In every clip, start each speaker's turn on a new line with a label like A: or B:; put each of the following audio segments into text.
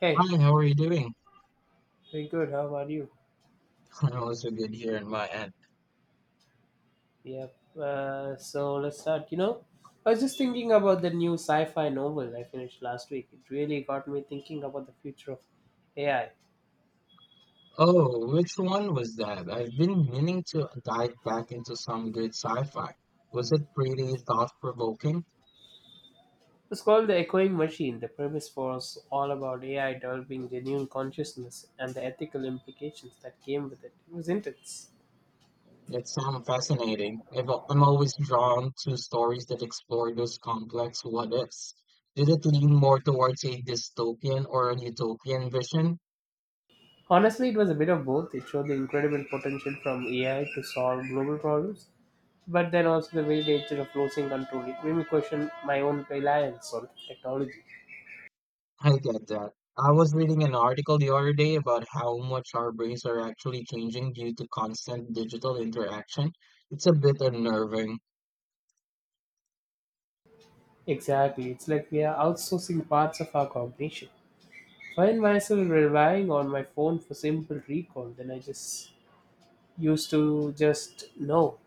A: Hey,
B: Hi, how are you doing?
A: very good. How are you?
B: I'm also good here on my end.
A: Yep. So let's start. I was just thinking about the new sci-fi novel I finished last week. It really got me thinking about the future of AI.
B: Oh, which one was that? I've been meaning to dive back into some good sci-fi. Was it pretty thought-provoking?
A: It's called The Echoing Machine. The premise was all about AI developing genuine consciousness and the ethical implications that came with it. It was intense.
B: It sounds fascinating. I'm always drawn to stories that explore those complex what-ifs. Did it lean more towards a dystopian or a utopian vision?
A: Honestly, it was a bit of both. It showed the incredible potential from AI to solve global problems, but then also the very nature of losing control. It made me question my own reliance on technology.
B: I get that. I was reading an article the other day about how much our brains are actually changing due to constant digital interaction. It's a bit unnerving.
A: Exactly, it's like we are outsourcing parts of our cognition. Find myself relying on my phone for simple recall, then I just used to just know.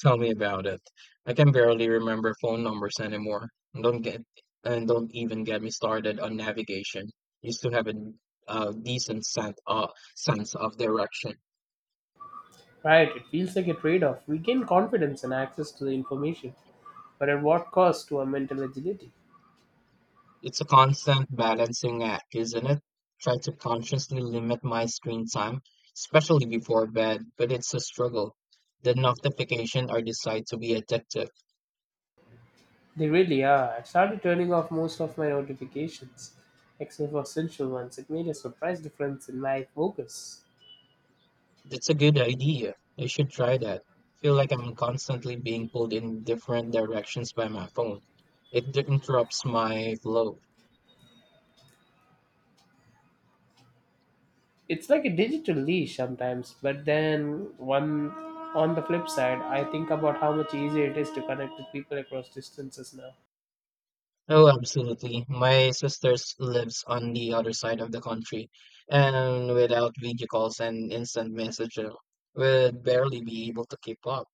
B: Tell me about it. I can barely remember phone numbers anymore. And Don't get and don't even get me started on navigation. Used to have a, uh decent sense, uh, sense of direction.
A: Right, it feels like a trade off. We gain confidence and access to the information, but at what cost to our mental agility?
B: It's a constant balancing act, isn't it? Try to consciously limit my screen time, especially before bed, but it's a struggle. The notification are decide to be addictive.
A: They really are. I've started turning off most of my notifications, except for essential ones. It made a surprise difference in my focus.
B: That's a good idea. I should try that. Feel like I'm constantly being pulled in different directions by my phone. It interrupts my flow.
A: It's like a digital leash sometimes, but then one, on the flip side, I think about how much easier it is to connect with people across distances now.
B: Oh, absolutely. My sister's lives on the other side of the country, and without video calls and instant messaging, would barely be able to keep up.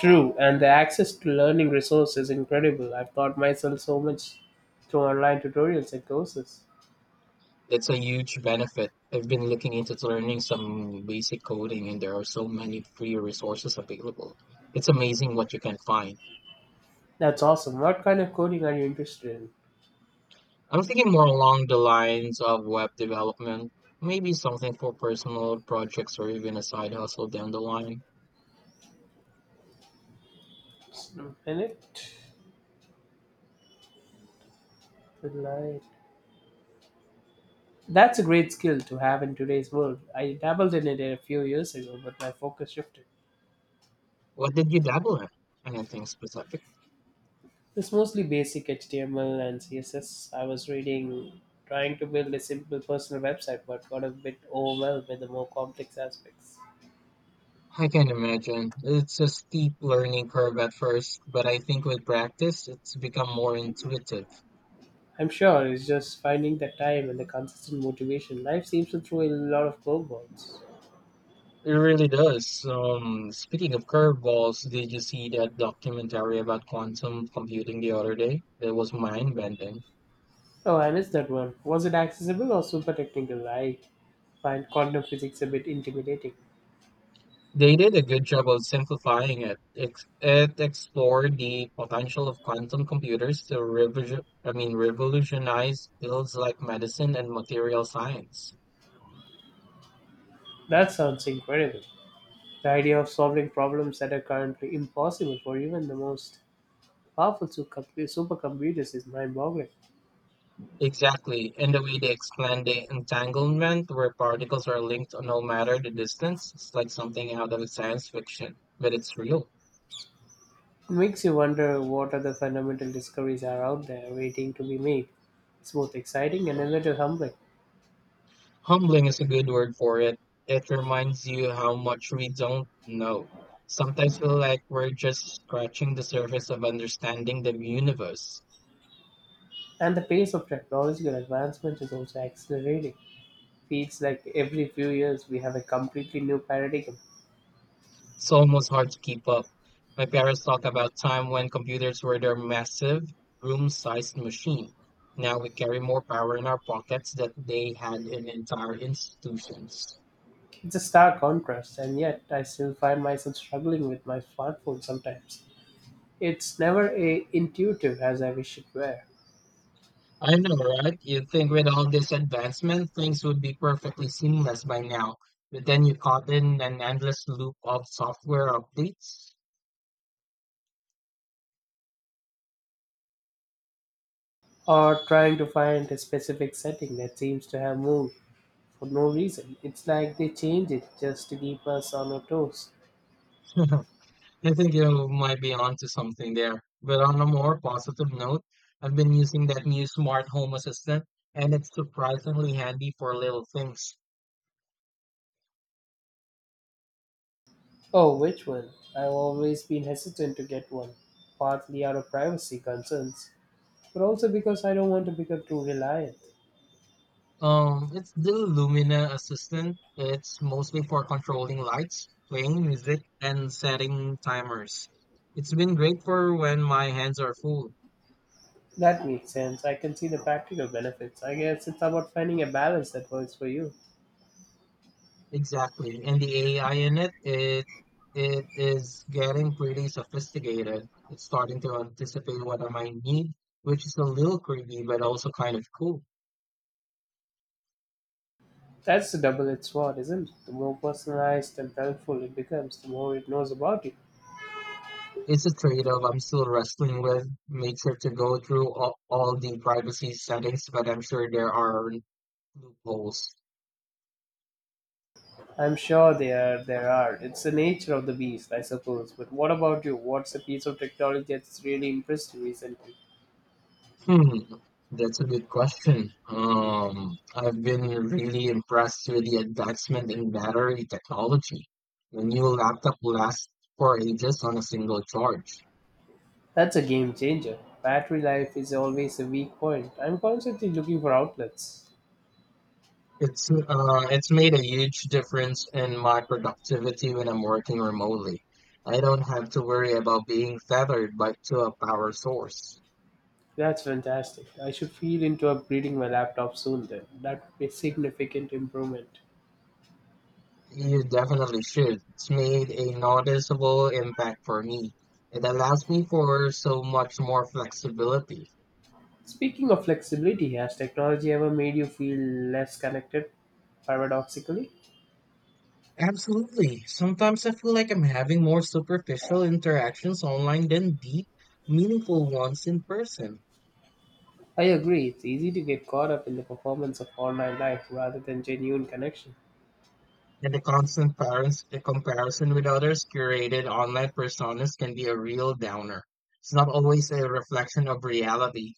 A: True, and the access to learning resources is incredible. I've taught myself so much through online tutorials and courses.
B: It's a huge benefit. I've been looking into learning some basic coding, and there are so many free resources available. It's amazing what you can find.
A: That's awesome. What kind of coding are you interested in?
B: I'm thinking more along the lines of web development, maybe something for personal projects or even a side hustle down the line.
A: Just a minute. Right. That's a great skill to have in today's world. I dabbled in it a few years ago, but my focus shifted.
B: What did you dabble in? Anything specific?
A: It's mostly basic HTML and CSS. I was reading, trying to build a simple personal website, but got a bit overwhelmed with the more complex aspects.
B: I can imagine. It's a steep learning curve at first, but I think with practice, it's become more intuitive.
A: I'm sure it's just finding the time and the consistent motivation. Life seems to throw a lot of curveballs.
B: It really does. Speaking of curveballs, did you see that documentary about quantum computing the other day? That was mind-bending.
A: Oh, I missed that one. Was it accessible or super technical? I find quantum physics a bit intimidating.
B: They did a good job of simplifying it. It explored the potential of quantum computers to revolutionize fields like medicine and material science.
A: That sounds incredible. The idea of solving problems that are currently impossible for even the most powerful supercomputers is mind boggling.
B: Exactly, in the way they explain the entanglement, where particles are linked no matter the distance, it's like something out of science fiction, but it's real.
A: It makes you wonder what other fundamental discoveries are out there waiting to be made. It's both exciting and a little humbling.
B: Humbling is a good word for it. It reminds you how much we don't know. Sometimes feel like we're just scratching the surface of understanding the universe.
A: And the pace of technological advancement is also accelerating. Feels like every few years we have a completely new paradigm.
B: It's almost hard to keep up. My parents talk about time when computers were their massive, room-sized machine. Now we carry more power in our pockets than they had in entire institutions.
A: It's a stark contrast, and yet I still find myself struggling with my smartphone sometimes. It's never a intuitive as I wish it were,
B: I know, right? You'd think with all this advancement, things would be perfectly seamless by now, but then you caught in an endless loop of software updates.
A: or trying to find a specific setting that seems to have moved for no reason. It's like they change it just to keep us on our toes.
B: I think you might be onto something there. But on a more positive note, I've been using that new smart home assistant, and it's surprisingly handy for little things.
A: Oh, which one? I've always been hesitant to get one, partly out of privacy concerns, but also because I don't want to become too reliant.
B: It's the Lumina assistant. It's mostly for controlling lights, playing music, and setting timers. It's been great for when my hands are full.
A: That makes sense. I can see the practical benefits. I guess it's about finding a balance that works for you.
B: Exactly. And the AI in it is getting pretty sophisticated. It's starting to anticipate what I might need, which is a little creepy, but also kind of cool.
A: That's the double edged sword, isn't it? The more personalized and helpful it becomes, the more it knows about you.
B: It's a trade-off I'm still wrestling with. Made sure to go through all the privacy settings, but I'm sure there are loopholes.
A: I'm sure there are. It's the nature of the beast, I suppose. But what about you? What's a piece of technology that's really impressed you recently?
B: Hmm, that's a good question. I've been really impressed with the advancement in battery technology. The new laptop lasts for ages on a single charge.
A: That's a game changer. Battery life is always a weak point. I'm constantly looking for outlets.
B: It's made a huge difference in my productivity when I'm working remotely. I don't have to worry about being tethered by to a power source.
A: That's fantastic. I should feel into upgrading my laptop soon then. That would be a significant improvement.
B: You definitely should. It's made a noticeable impact for me. It allows me for so much more flexibility.
A: Speaking of flexibility, has technology ever made you feel less connected? Paradoxically,
B: Absolutely. Sometimes I feel like I'm having more superficial interactions online than deep, meaningful ones in person.
A: I agree. It's easy to get caught up in the performance of online life rather than genuine connection.
B: And the constant parents, the comparison with others' curated online personas can be a real downer. It's not always a reflection of reality.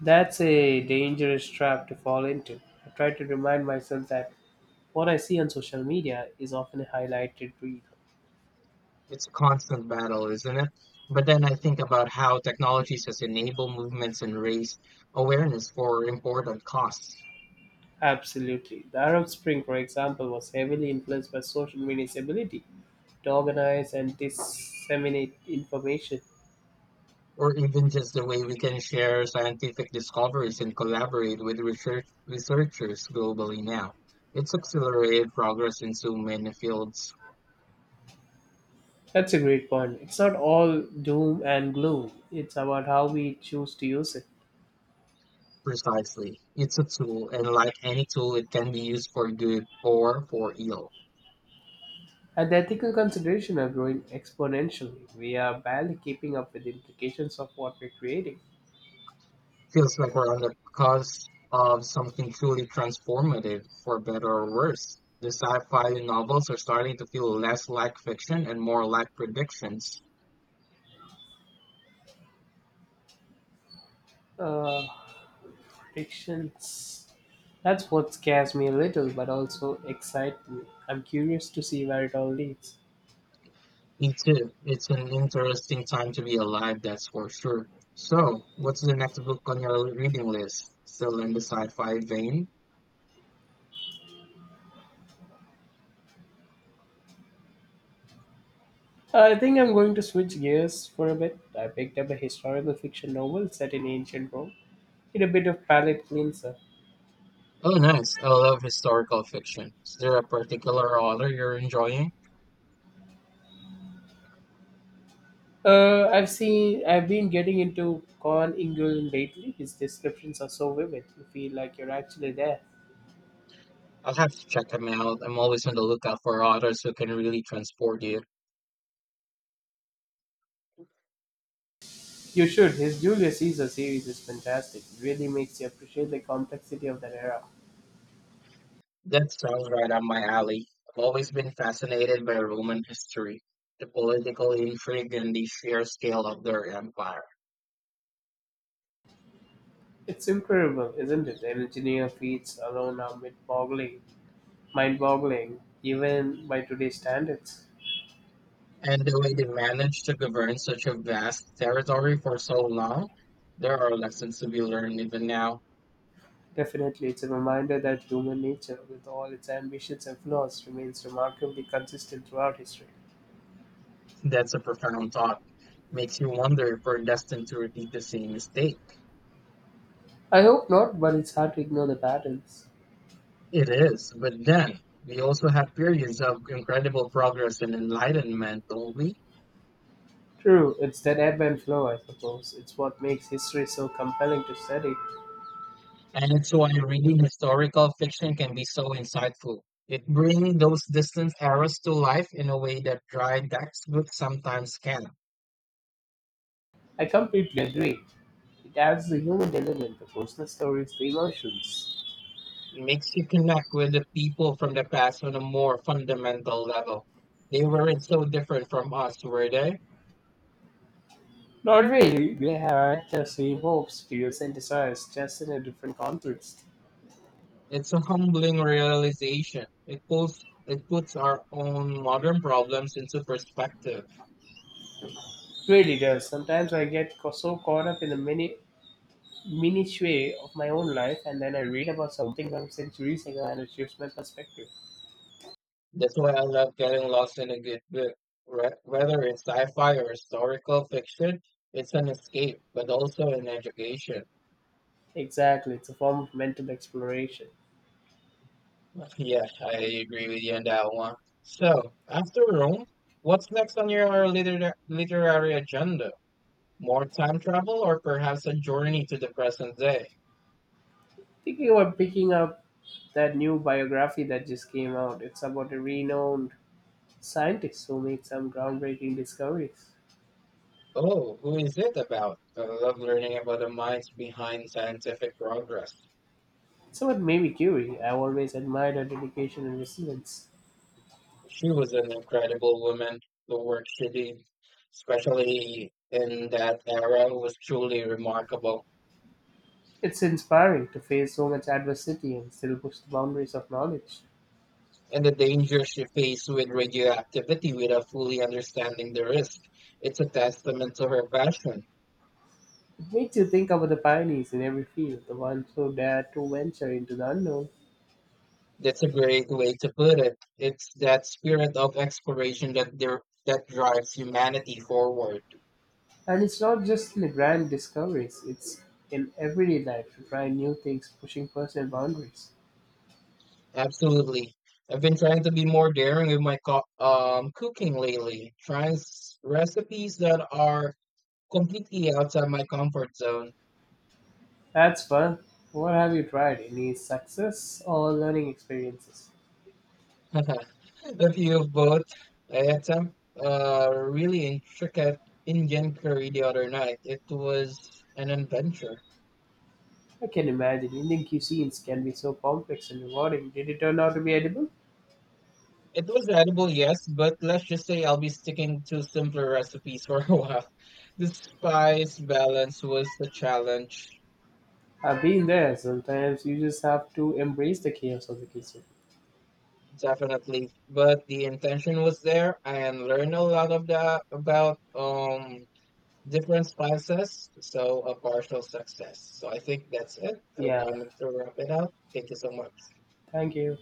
A: That's a dangerous trap to fall into. I try to remind myself that what I see on social media is often a highlighted reel.
B: It's a constant battle, isn't it? But then I think about how technologies has enabled movements and raised awareness for important costs.
A: Absolutely. The Arab Spring, for example, was heavily influenced by social media's ability to organize and disseminate information.
B: Or even just the way we can share scientific discoveries and collaborate with researchers globally now. It's accelerated progress in so many fields
A: That's a great point. It's not all doom and gloom, it's about how we choose to use it.
B: precisely. It's a tool, and like any tool, it can be used for good or for ill.
A: And the ethical considerations are growing exponentially. We are barely keeping up with the implications of what we're creating.
B: Feels like we're on the cusp of something truly transformative, for better or worse. The sci fi novels are starting to feel less like fiction and more like predictions.
A: Uh, Frictions. That's what scares me a little, but also excites me. I'm curious to see where it all leads.
B: Me too. It's an interesting time to be alive, that's for sure. So, what's the next book on your reading list? Still in the sci-fi vein?
A: I think I'm going to switch gears for a bit. I picked up a historical fiction novel set in ancient Rome. It's a bit of palate cleanser.
B: Oh, nice. I love historical fiction. Is there a particular author you're enjoying?
A: I've seen. I've been getting into Con Ingulin lately. His descriptions are so vivid. You feel like you're actually there.
B: I'll have to check them out. I'm always on the lookout for authors who can really transport you.
A: You should. His Julius Caesar series is fantastic. It really makes you appreciate the complexity of that era.
B: That sounds right up my alley. I've always been fascinated by Roman history, the political intrigue, and the sheer scale of their empire.
A: It's incredible, isn't it? The Engineer feats alone are mind-boggling, even by today's standards.
B: And the way they managed to govern such a vast territory for so long, there are lessons to be learned even now.
A: Definitely, it's a reminder that human nature, with all its ambitions and flaws, remains remarkably consistent throughout history.
B: That's a profound thought. Makes you wonder if we're destined to repeat the same mistake.
A: I hope not, but it's hard to ignore the patterns.
B: It is, but then we also have periods of incredible progress and enlightenment, don't we?
A: True, it's that ebb and flow, I suppose. It's what makes history so compelling to study.
B: And it's why reading historical fiction can be so insightful. It brings those distant eras to life in a way that dry textbooks sometimes can.
A: I completely agree. It adds the human element, the personal stories, the emotions.
B: Makes you connect with the people from the past on a more fundamental level. They weren't so different from us, were they?
A: Not really. They have just evokes to you synthesize, just in a different context.
B: It's a humbling realization. It puts our own modern problems into perspective.
A: It really does. Sometimes I get so caught up in the mini minutiae of my own life, and then I read about something from centuries ago, and it shifts my perspective.
B: That's why I love getting lost in a good book. Whether it's sci-fi or historical fiction, it's an escape, but also an education.
A: Exactly, it's a form of mental exploration.
B: Yeah, I agree with you on that one. So, after Rome, what's next on your literary agenda? More time travel or perhaps a journey to the present day?
A: Thinking about picking up that new biography that just came out. It's about a renowned scientist who made some groundbreaking discoveries.
B: Oh, who is it about? I love learning about the minds behind scientific progress.
A: It's what made me curious. I've always admired her dedication and resilience.
B: She was an incredible woman. The work she did, especially in that era, was truly remarkable.
A: It's inspiring to face so much adversity and still push the boundaries of knowledge.
B: And the danger she faced with radioactivity without fully understanding the risk. It's a testament to her passion.
A: It makes you think about the pioneers in every field, the ones who dare to venture into the unknown.
B: That's a great way to put it. It's that spirit of exploration that drives humanity forward.
A: And it's not just in the grand discoveries, it's in everyday life to try new things, pushing personal boundaries.
B: Absolutely. I've been trying to be more daring with my cooking lately, trying recipes that are completely outside my comfort zone.
A: That's fun. What have you tried? Any success or learning experiences?
B: A few of both. I had some really intricate Indian curry the other night. It was an adventure.
A: I can imagine Indian cuisines can be so complex and rewarding. Did it turn out to be edible?
B: It was edible, yes, but let's just say I'll be sticking to simpler recipes for a while. The spice balance was the challenge,
A: I've been there. Sometimes you just have to embrace the chaos of the kitchen.
B: definitely, but the intention was there and learn a lot of that about different spices, so a partial success. So I think that's it. I'm
A: Yeah.
B: going to wrap it up. Thank you so much.
A: Thank you.